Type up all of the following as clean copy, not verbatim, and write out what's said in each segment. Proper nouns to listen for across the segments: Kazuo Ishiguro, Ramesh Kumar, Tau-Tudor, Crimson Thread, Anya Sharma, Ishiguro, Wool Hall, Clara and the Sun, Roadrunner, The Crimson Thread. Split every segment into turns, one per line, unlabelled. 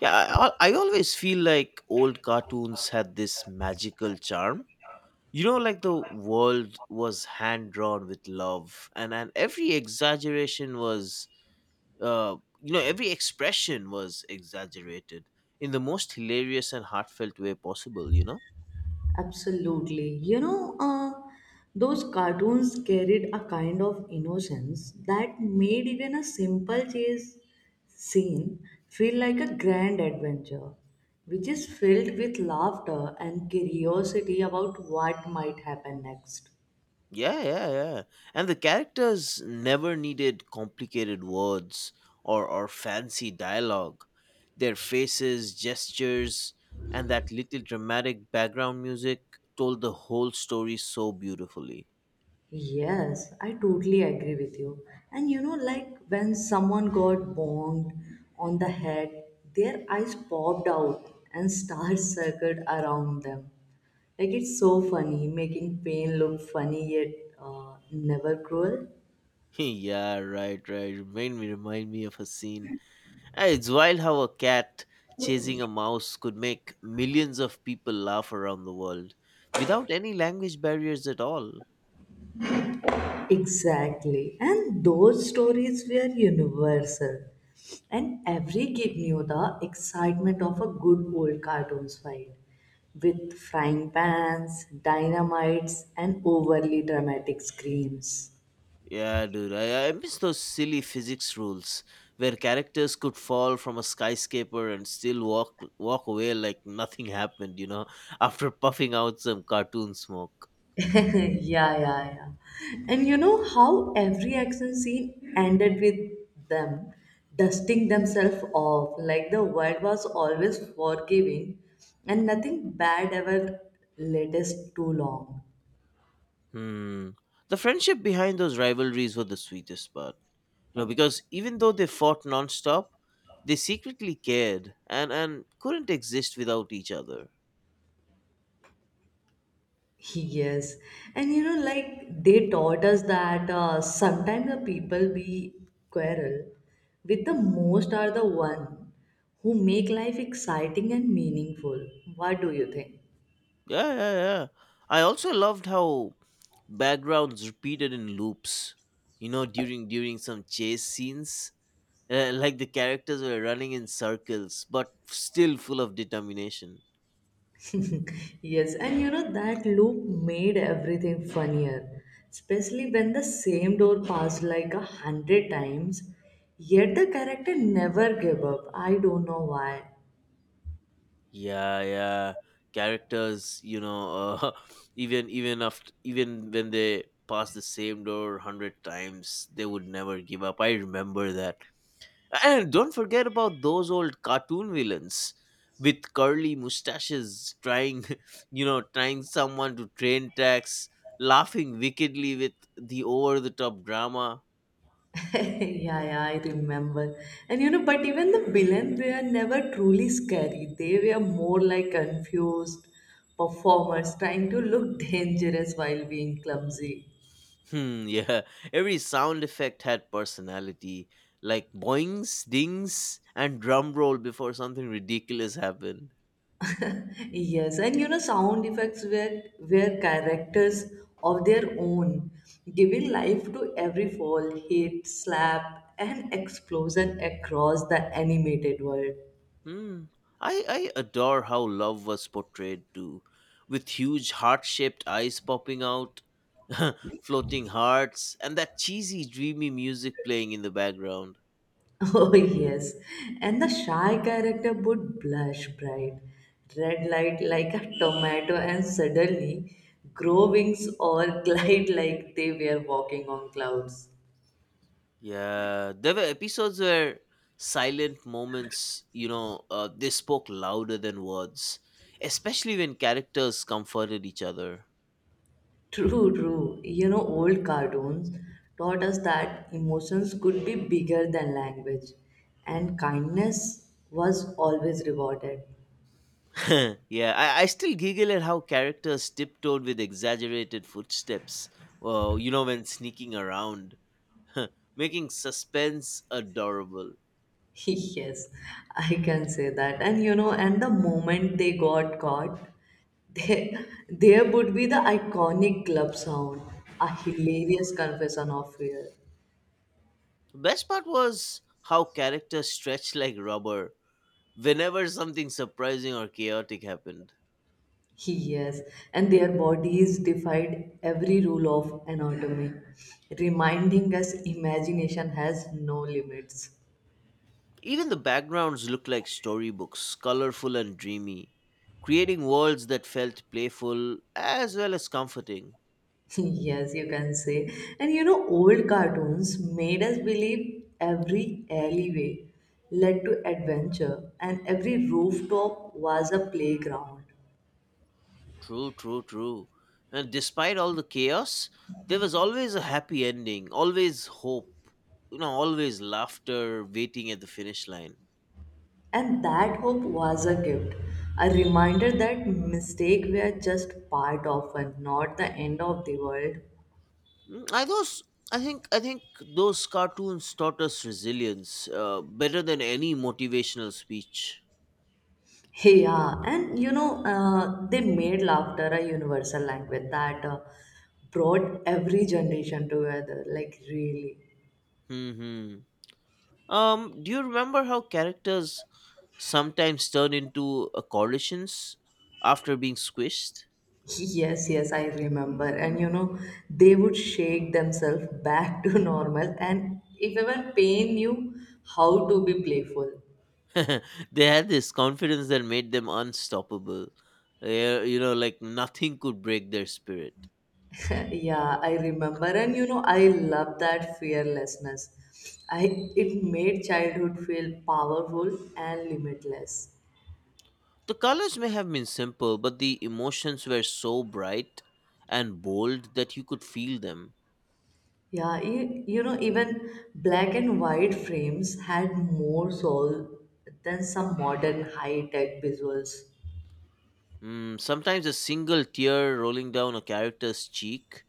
Yeah, I always feel like old cartoons had this magical charm. You know, like the world was hand drawn with love, and, every exaggeration was, every expression was exaggerated in the most hilarious and heartfelt way possible, you know?
Absolutely. Those cartoons carried a kind of innocence that made even a simple chase scene feel like a grand adventure, which is filled with laughter and curiosity about what might happen next.
Yeah, yeah, yeah. And the characters never needed complicated words or, fancy dialogue. Their faces, gestures, and that little dramatic background music told the whole story so beautifully.
Yes, I totally agree with you. And you know, like when someone got bonged on the head, their eyes popped out and stars circled around them. Like it's so funny, making pain look funny yet never cruel.
Yeah, right, right. Remind me of a scene. Ah, it's wild how a cat chasing a mouse could make millions of people laugh around the world without any language barriers at all.
Exactly. And those stories were universal. And every kid knew the excitement of a good old cartoons fight with frying pans, dynamites, and overly dramatic screams.
Yeah, dude, I miss those silly physics rules where characters could fall from a skyscraper and still walk away like nothing happened, you know, after puffing out some cartoon smoke.
Yeah, yeah, yeah. And you know how every action scene ended with them dusting themselves off, like the world was always forgiving and nothing bad ever latest too long.
Hmm. The friendship behind those rivalries were the sweetest part. You know, because even though they fought nonstop, they secretly cared and, couldn't exist without each other.
Yes. And you know, like they taught us that sometimes the people we quarrel with the most are the one who make life exciting and meaningful. What do you think?
Yeah, yeah, yeah. I also loved how backgrounds repeated in loops. You know, during some chase scenes, like the characters were running in circles, but still full of determination.
Yes, and you know that loop made everything funnier, especially when the same door passed like a hundred times, yet the character never gave up. I don't know why.
Yeah, yeah. Characters, even when they pass the same door hundred times, they would never give up. I remember that. And don't forget about those old cartoon villains with curly mustaches trying, you know, trying someone to train tax, laughing wickedly with the over the top drama.
yeah, I remember. And you know, but even the villain were never truly scary. They were more like confused performers trying to look dangerous while being clumsy.
Hmm, yeah. Every sound effect had personality, like boings, dings, and drum roll before something ridiculous happened.
Yes, and you know, sound effects were characters of their own, giving life to every fall, hit, slap, and explosion across the animated world.
Hmm. I adore how love was portrayed too, with huge heart shaped eyes popping out, floating hearts, and that cheesy, dreamy music playing in the background.
Oh yes, and the shy character would blush bright, red light like a tomato, and suddenly grow wings or glide like they were walking on clouds.
Yeah, there were episodes where silent moments, they spoke louder than words, especially when characters comforted each other.
True, true. You know, old cartoons taught us that emotions could be bigger than language, and kindness was always rewarded.
Yeah, I still giggle at how characters tiptoed with exaggerated footsteps, you know, when sneaking around making suspense adorable.
yes, I can say that. And you know, and the moment they got caught, there would be the iconic club sound, a hilarious confession of fear.
Best part was how characters stretched like rubber whenever something surprising or chaotic happened.
Yes, and their bodies defied every rule of anatomy, reminding us imagination has no limits.
Even the backgrounds looked like storybooks, colorful and dreamy, creating worlds that felt playful as well as comforting.
yes, you can say. And you know, old cartoons made us believe every alleyway led to adventure, and every rooftop was a playground.
True, true, true. And despite all the chaos, there was always a happy ending, always hope, you know, always laughter waiting at the finish line.
And that hope was a gift, a reminder that mistakes were just part of and not the end of the world.
Mm, I think those cartoons taught us resilience better than any motivational speech.
Yeah, and you know, they made laughter a universal language that brought every generation together. Like, really.
Hmm. Do you remember how characters sometimes turn into coalitions after being squished?
Yes, yes, I remember. And you know, they would shake themselves back to normal, and if ever pain knew how to be playful.
They had this confidence that made them unstoppable. Yeah, you know, like nothing could break their spirit.
Yeah, I remember, and you know, I love that fearlessness. I it made childhood feel powerful and limitless.
The colors may have been simple, but the emotions were so bright and bold that you could feel them.
Yeah, you know, even black and white frames had more soul than some modern high-tech visuals.
Mm, sometimes a single tear rolling down a character's cheek,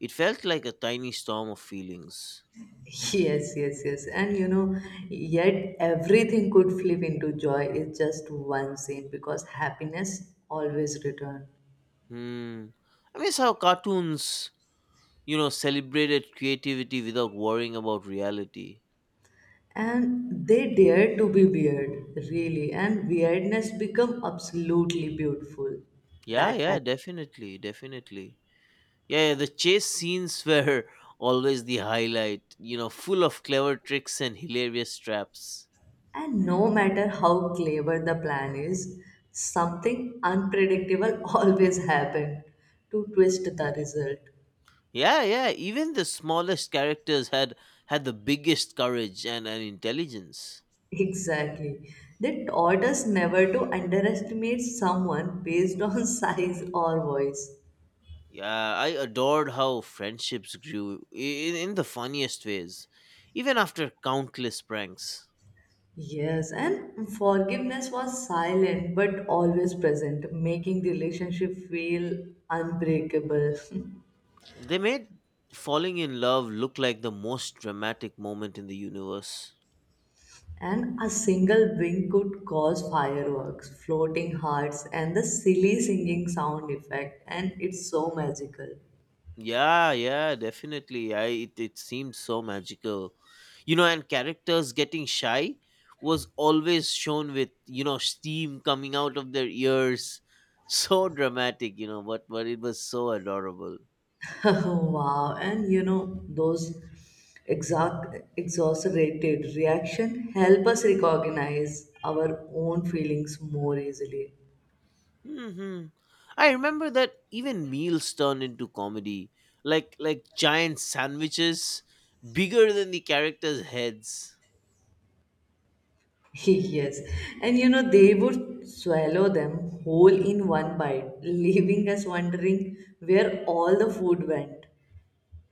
it felt like a tiny storm of feelings.
Yes, yes, yes. And you know, yet everything could flip into joy is just one scene because happiness always returned.
Hmm. I miss how cartoons, you know, celebrated creativity without worrying about reality.
And they dared to be weird, really, and weirdness become absolutely beautiful
Yeah,
that
yeah,
time.
definitely, definitely. Yeah, yeah, the chase scenes were always the highlight, you know, full of clever tricks and hilarious traps.
And no matter how clever the plan is, something unpredictable always happened to twist the result.
Yeah, yeah, even the smallest characters had the biggest courage and, intelligence.
Exactly. They taught us never to underestimate someone based on size or voice.
Yeah, I adored how friendships grew in the funniest ways, even after countless pranks.
Yes, and forgiveness was silent but always present, making the relationship feel unbreakable.
They made falling in love look like the most dramatic moment in the universe.
And a single wing could cause fireworks, floating hearts, and the silly singing sound effect. And it's so magical.
Yeah, yeah, definitely. It seemed so magical. You know, and characters getting shy was always shown with, you know, steam coming out of their ears. So dramatic, you know, but it was so adorable.
wow. And you know, those exact exaggerated reaction help us recognize our own feelings more easily.
Hmm. I remember that even meals turned into comedy, like giant sandwiches, bigger than the characters' heads.
yes. And you know, they would swallow them whole in one bite, leaving us wondering where all the food went.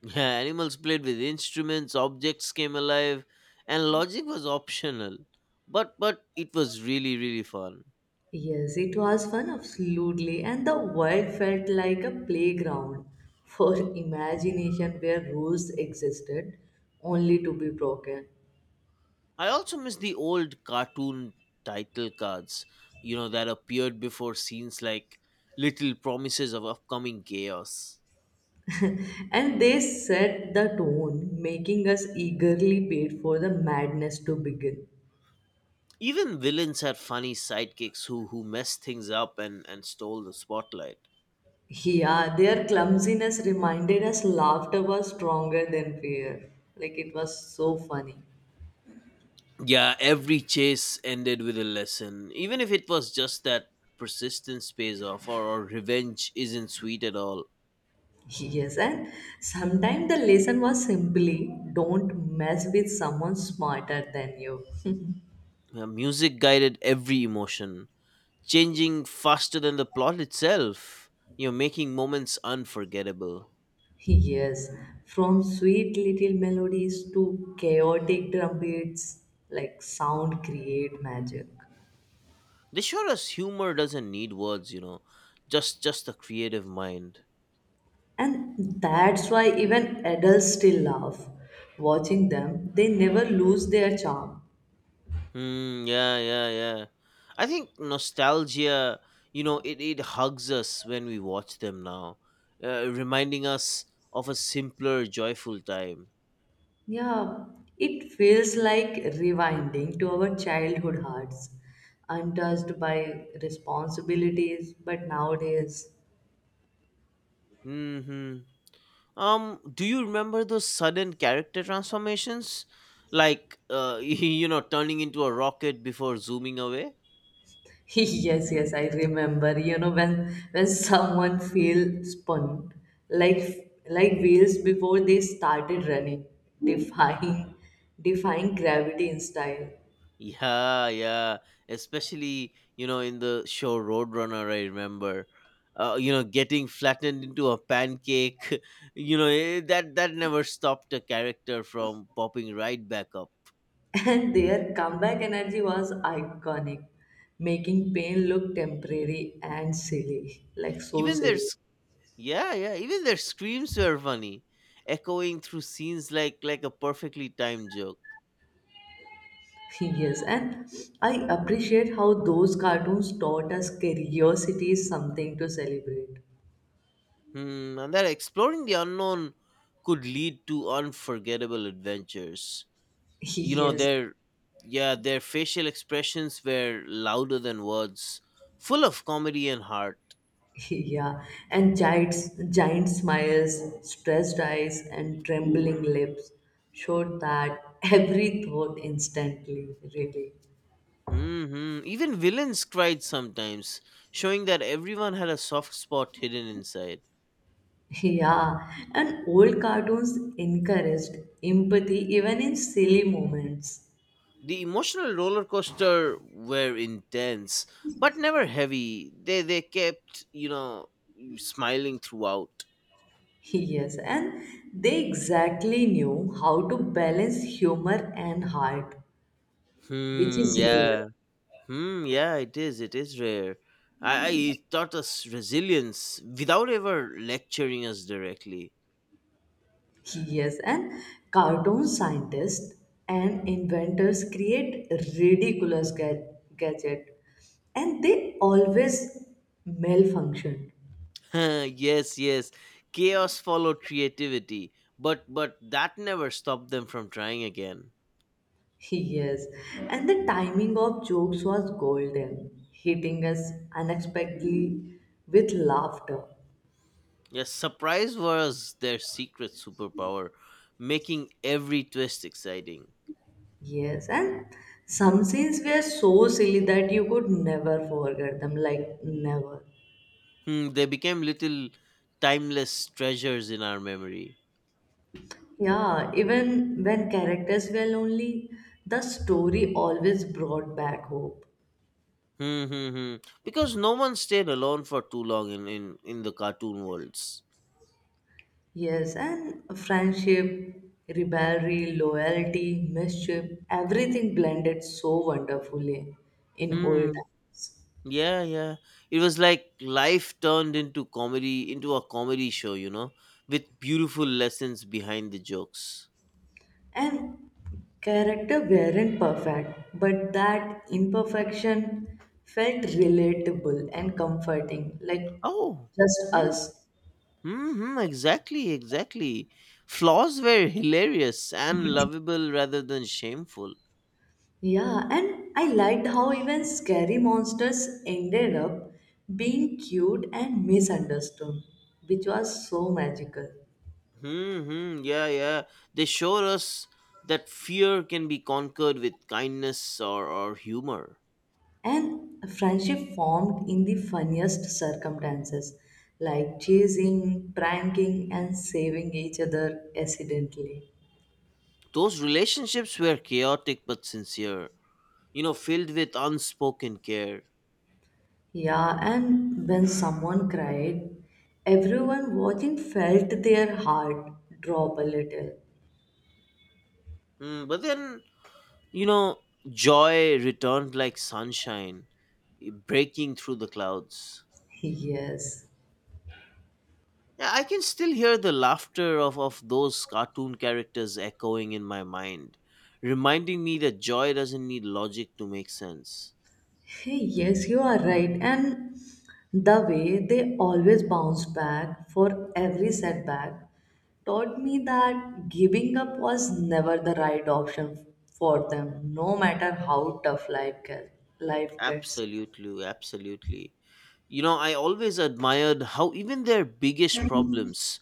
Yeah, animals played with instruments, objects came alive, and logic was optional. But it was really fun.
Yes, it was fun, absolutely, and the world felt like a playground for imagination where rules existed only to be broken.
I also miss the old cartoon title cards, you know, that appeared before scenes like little promises of upcoming chaos.
And they set the tone, making us eagerly wait for the madness to begin.
Even villains had funny sidekicks who messed things up and stole the spotlight.
Yeah, their clumsiness reminded us laughter was stronger than fear. Like it was so funny.
Yeah, every chase ended with a lesson, even if it was just that persistence pays off or, revenge isn't sweet at all.
Yes, and sometimes the lesson was simply don't mess with someone smarter than you.
Yeah, music guided every emotion, changing faster than the plot itself, you know, making moments unforgettable.
Yes, from sweet little melodies to chaotic drumbeats, like sound create magic.
They showed us humor doesn't need words, you know, just a creative mind.
And that's why even adults still laugh. Watching them, they never lose their charm.
Hmm. Yeah. Yeah. Yeah. I think nostalgia, you know, it hugs us when we watch them now, reminding us of a simpler, joyful time.
Yeah, it feels like rewinding to our childhood hearts, untouched by responsibilities, but nowadays
Hmm. Do you remember those sudden character transformations, like you know, turning into a rocket before zooming away?
yes, yes, I remember. You know when someone feel spun like wheels before they started running, defying defying gravity in style.
Yeah, yeah. Especially, you know, in the show Roadrunner, I remember, you know, getting flattened into a pancake. You know, eh, that never stopped a character from popping right back up.
And their comeback energy was iconic, making pain look temporary and silly, like so
Even their
silly.
s- yeah, yeah. Even their screams were funny, echoing through scenes like a perfectly timed joke.
Yes, and I appreciate how those cartoons taught us curiosity is something to celebrate.
Hmm, and that exploring the unknown could lead to unforgettable adventures. You know
Yes,
their Yeah, their facial expressions were louder than words, full of comedy and heart.
Yeah, and giant smiles, stressed eyes, and trembling lips showed that every thought instantly, really.
Hmm, even villains cried sometimes, showing that everyone had a soft spot hidden inside.
Yeah, and old cartoons encouraged empathy even in silly moments.
The emotional roller coaster were intense but never heavy. They kept, you know, smiling throughout.
Yes, and they exactly knew how to balance humor and heart, which
Hmm,
is rare.
yeah. Hmm. Yeah, it is. It is rare. I it taught us resilience without ever lecturing us directly.
He is an cartoon scientist, and inventors create ridiculous gadget and they always malfunction.
Yes, yes. Chaos followed creativity, but that never stopped them from trying again.
Yes, and the timing of jokes was golden, hitting us unexpectedly with laughter.
Yes, surprise was their secret superpower, making every twist exciting.
Yes, and some scenes were so silly that you could never forget them, like never.
Hmm, they became little timeless treasures in our memory.
Yeah, even when characters were lonely, the story always brought back hope.
Hmm, hmm, hmm. Because no one stayed alone for too long in the cartoon worlds.
Yes, and friendship, rivalry, loyalty, mischief, everything blended so wonderfully in old
Hmm.
time.
Yeah, yeah. It was like life turned into comedy, into a comedy show, you know, with beautiful lessons behind the jokes.
And character weren't perfect, but that imperfection felt relatable and comforting, like
Oh.
just
Hmm.
us.
Hmm. Exactly. Exactly. Flaws were hilarious and lovable rather than shameful.
Yeah, and I liked how even scary monsters ended up being cute and misunderstood, which was so magical.
Hmm. Hmm. Yeah. Yeah. They showed us that fear can be conquered with kindness or, humor.
And a friendship formed in the funniest circumstances, like chasing, pranking, and saving each other accidentally.
Those relationships were chaotic but sincere. You know, filled with unspoken care.
Yeah, and when someone cried, everyone watching felt their heart drop a little.
Mm, but then, you know, joy returned like sunshine, breaking through the clouds.
Yes.
Yeah, I can still hear the laughter of those cartoon characters echoing in my mind, reminding me that joy doesn't need logic to make sense.
Hey, yes, you are right. And the way they always bounce back for every setback taught me that giving up was never the right option for them, no matter how Life gets.
Absolutely, absolutely. You know, I always admired how even their biggest problems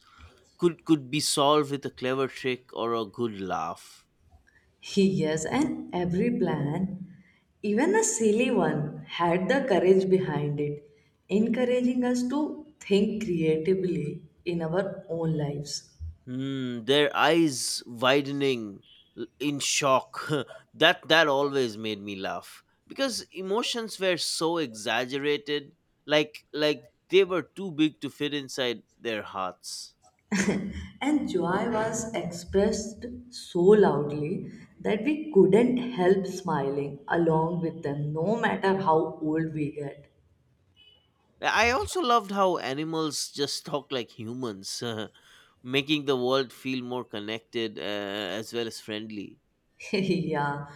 could be solved with a clever trick or a good laugh.
He Yes, and every plan, even a silly one, had the courage behind it, encouraging us to think creatively in our own lives.
Hmm, their eyes widening in shock. That always made me laugh because emotions were so exaggerated, like they were too big to fit inside their hearts.
And joy was expressed so loudly that we couldn't help smiling along with them, no matter how old we get.
I also loved how animals just talk like humans, making the world feel more connected as well as friendly.
yeah,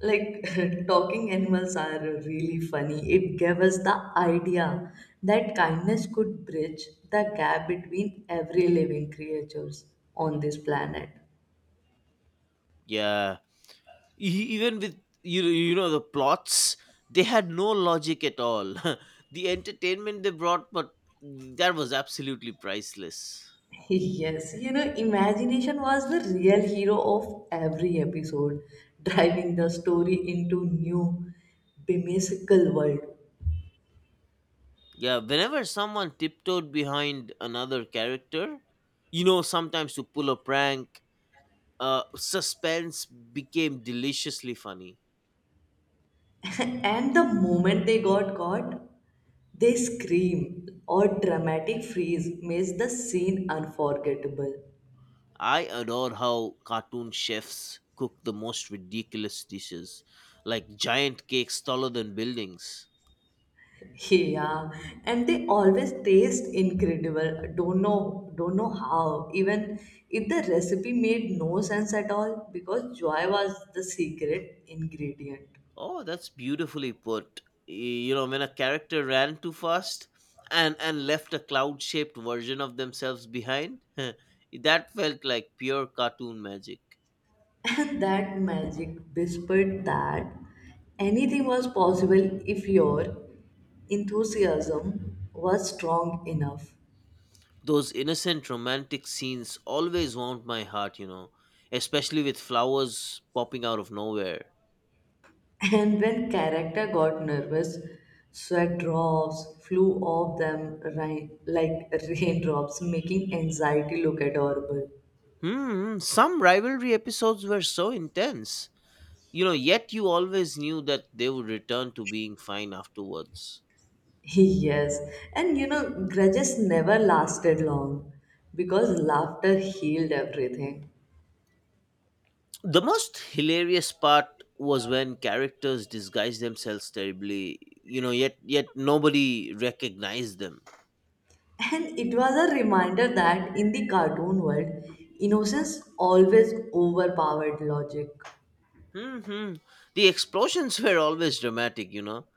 like talking animals are really funny. It gave us the idea that kindness could bridge the gap between every living creatures on this planet.
Yeah, even with you know the plots, they had no logic at all. The entertainment they brought, but that was absolutely priceless.
Yes, you know, imagination was the real hero of every episode, driving the story into new whimsical world.
Yeah, whenever someone tiptoed behind another character, you know, sometimes to pull a prank, suspense became deliciously funny.
and the moment they got caught, they scream or dramatic freeze makes the scene unforgettable.
I adore how cartoon chefs cook the most ridiculous dishes, like giant cakes taller than buildings.
Yeah, and they always taste incredible. Don't know how. Even if the recipe made no sense at all, because joy was the secret ingredient.
Oh, that's beautifully put. You know, when a character ran too fast and left a cloud-shaped version of themselves behind, that felt like pure cartoon magic.
And that magic whispered that anything was possible if your enthusiasm was strong enough.
Those innocent romantic scenes always warmed my heart, you know, especially with flowers popping out of nowhere.
And when character got nervous, sweat drops flew off them like raindrops, making anxiety look adorable.
Hmm, some rivalry episodes were so intense. You know, yet you always knew that they would return to being fine afterwards.
Yes, and you know, grudges never lasted long because laughter healed everything.
The most hilarious part was when characters disguised themselves terribly, you know, yet nobody recognized them.
And it was a reminder that in the cartoon world, innocence always overpowered logic.
Hmm. The explosions were always dramatic, you know,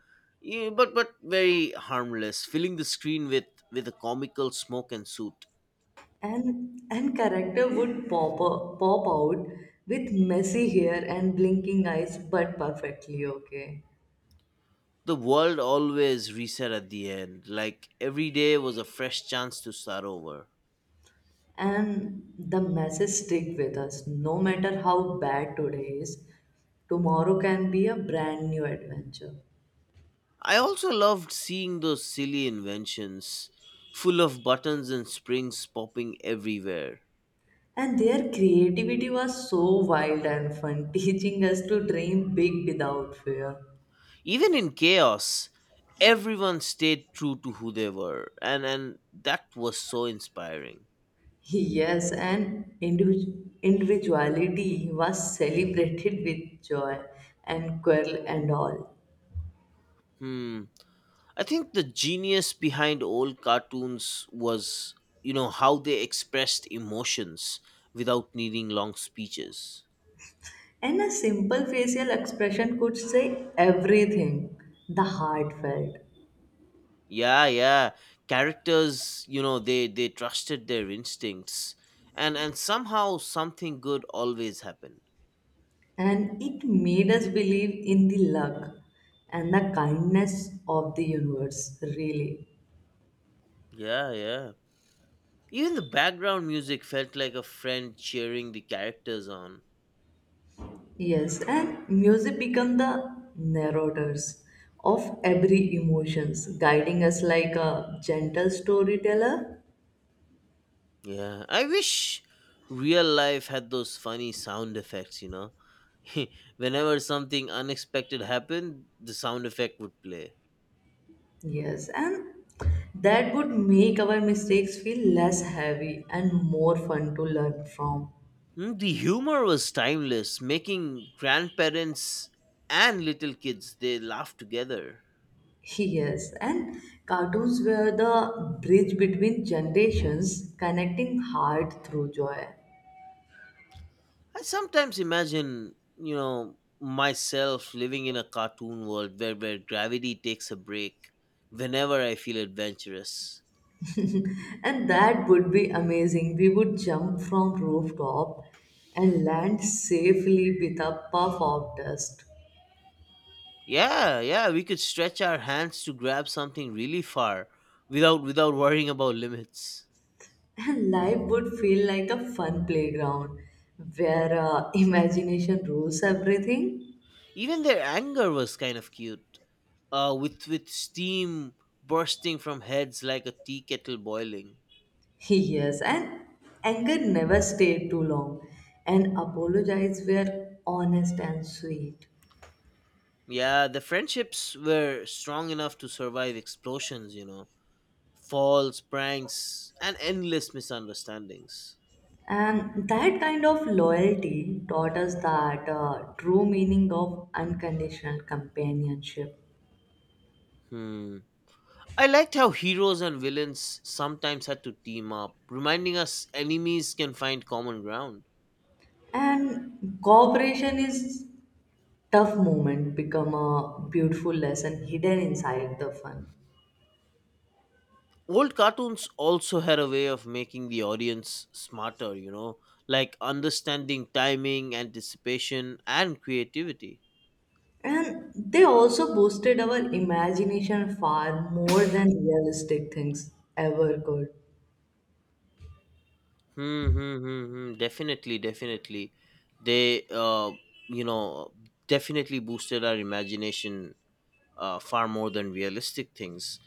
yeah, but very harmless, filling the screen with a comical smoke and soot.
And character would pop out with messy hair and blinking eyes, but perfectly okay.
The world always reset at the end, like every day was a fresh chance to start over.
And the message stick with us, no matter how bad today is, tomorrow can be a brand new adventure.
I also loved seeing those silly inventions, full of buttons and springs popping everywhere.
And their creativity was so wild and fun, teaching us to dream big without fear.
Even in chaos, everyone stayed true to who they were, and that was so inspiring.
Yes, and individuality was celebrated with joy and quirl and all.
Hmm, I think the genius behind old cartoons was, you know, how they expressed emotions without needing long speeches.
And a simple facial expression could say everything, the heart felt.
Yeah, yeah, characters, you know, they trusted their instincts, and somehow something good always happened.
And it made us believe in the luck and the kindness of the universe, really.
Yeah, yeah, even the background music felt like a friend cheering the characters on.
Yes, and music become the narrators of every emotions, guiding us like a gentle storyteller.
Yeah, I wish real life had those funny sound effects, you know. Whenever something unexpected happened, the sound effect would play.
Yes, and that would make our mistakes feel less heavy and more fun to learn from.
Mm, the humor was timeless, making grandparents and little kids they laugh together.
Yes, and cartoons were the bridge between generations, connecting heart through joy.
I sometimes imagine, you know, myself living in a cartoon world where, gravity takes a break whenever I feel adventurous.
And that would be amazing. We would jump from rooftop and land safely with a puff of dust.
Yeah, yeah, we could stretch our hands to grab something really far without worrying about limits.
And life would feel like a fun playground where imagination rules everything.
Even their anger was kind of cute. With steam bursting from heads like a tea kettle boiling.
Yes, and anger never stayed too long, and apologies were honest and sweet.
Yeah, the friendships were strong enough to survive explosions, you know, falls, pranks, and endless misunderstandings.
And that kind of loyalty taught us that true meaning of unconditional companionship.
Hmm. I liked how heroes and villains sometimes had to team up, reminding us enemies can find common ground.
And cooperation is tough moment become a beautiful lesson hidden inside the fun.
Old cartoons also had a way of making the audience smarter, you know, like understanding timing, anticipation, and creativity.
And they also boosted our imagination far more than realistic things ever could.
Hmm, hmm, hmm, hmm. Definitely, definitely. They, you know, definitely boosted our imagination far more than realistic things.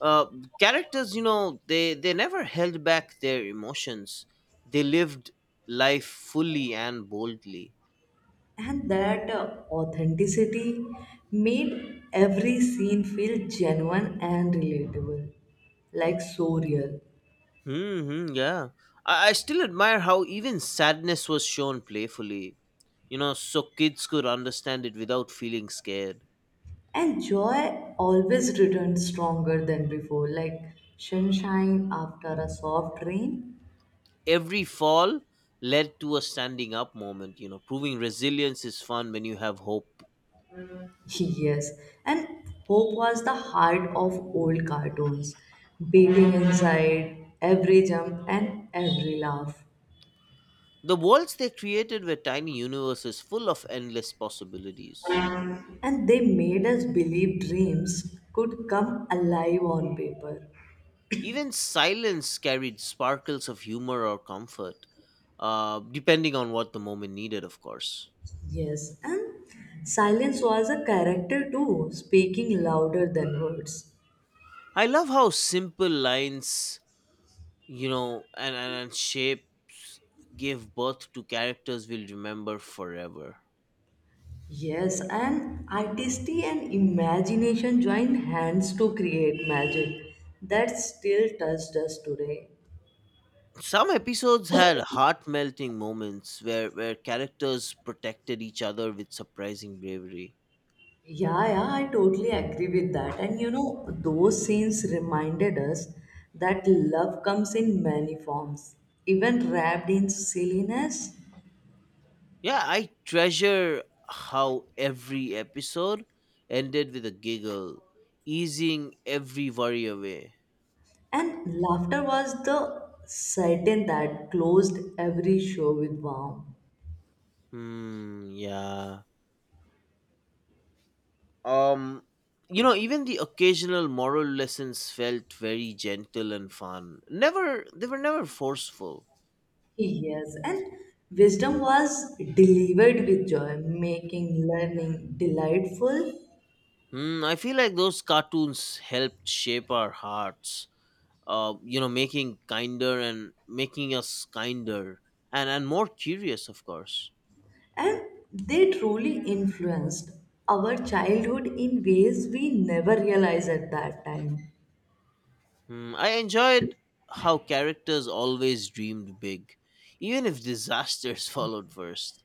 Uh, Characters, you know, they never held back their emotions. They lived life fully and boldly.
And that authenticity made every scene feel genuine and relatable, like so real.
Mm-hmm, yeah. I still admire how even sadness was shown playfully, you know, so kids could understand it without feeling scared.
And joy always returned stronger than before, like sunshine after a soft rain.
Every fall led to a standing up moment, you know, proving resilience is fun when you have hope.
Yes, and hope was the heart of old cartoons, beating inside every jump and every laugh.
The worlds they created were tiny universes full of endless possibilities.
And they made us believe dreams could come alive on paper.
Even silence carried sparkles of humor or comfort, depending on what the moment needed, of course.
Yes, and silence was a character too, speaking louder than words.
I love how simple lines, you know, and, and shapes gave birth to characters we'll remember forever.
Yes, and artistry and imagination joined hands to create magic that still touched us today.
Some episodes had heart-melting moments where characters protected each other with surprising bravery.
Yeah, yeah, I totally agree with that. And you know, those scenes reminded us that love comes in many forms, even wrapped in silliness.
Yeah, I treasure how every episode ended with a giggle, easing every worry away.
And laughter was the certain that closed every show with warmth.
Hmm, yeah. um you know, even the occasional moral lessons felt very gentle and fun. Never They were never forceful.
Yes, and wisdom was delivered with joy, making learning delightful.
Hmm, I feel like those cartoons helped shape our hearts, you know, making kinder and making us kinder, and more curious, of course.
And they truly influenced our childhood in ways we never realized at that time.
Hmm, I enjoyed how characters always dreamed big, even if disasters followed first.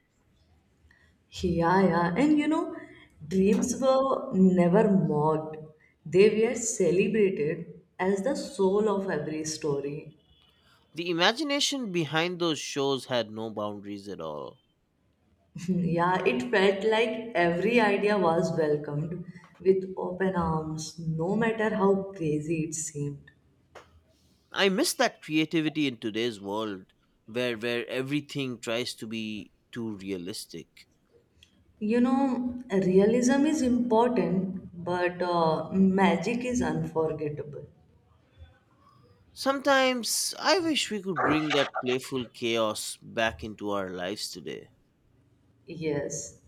Yeah, yeah, and you know, dreams were never mocked, they were celebrated as the soul of every story.
The imagination behind those shows had no boundaries at all.
Yeah, it felt like every idea was welcomed with open arms, no matter how crazy it seemed.
I miss that creativity in today's world where everything tries to be too realistic.
You know, realism is important, but magic is unforgettable.
Sometimes I wish we could bring that playful chaos back into our lives today.
Yes,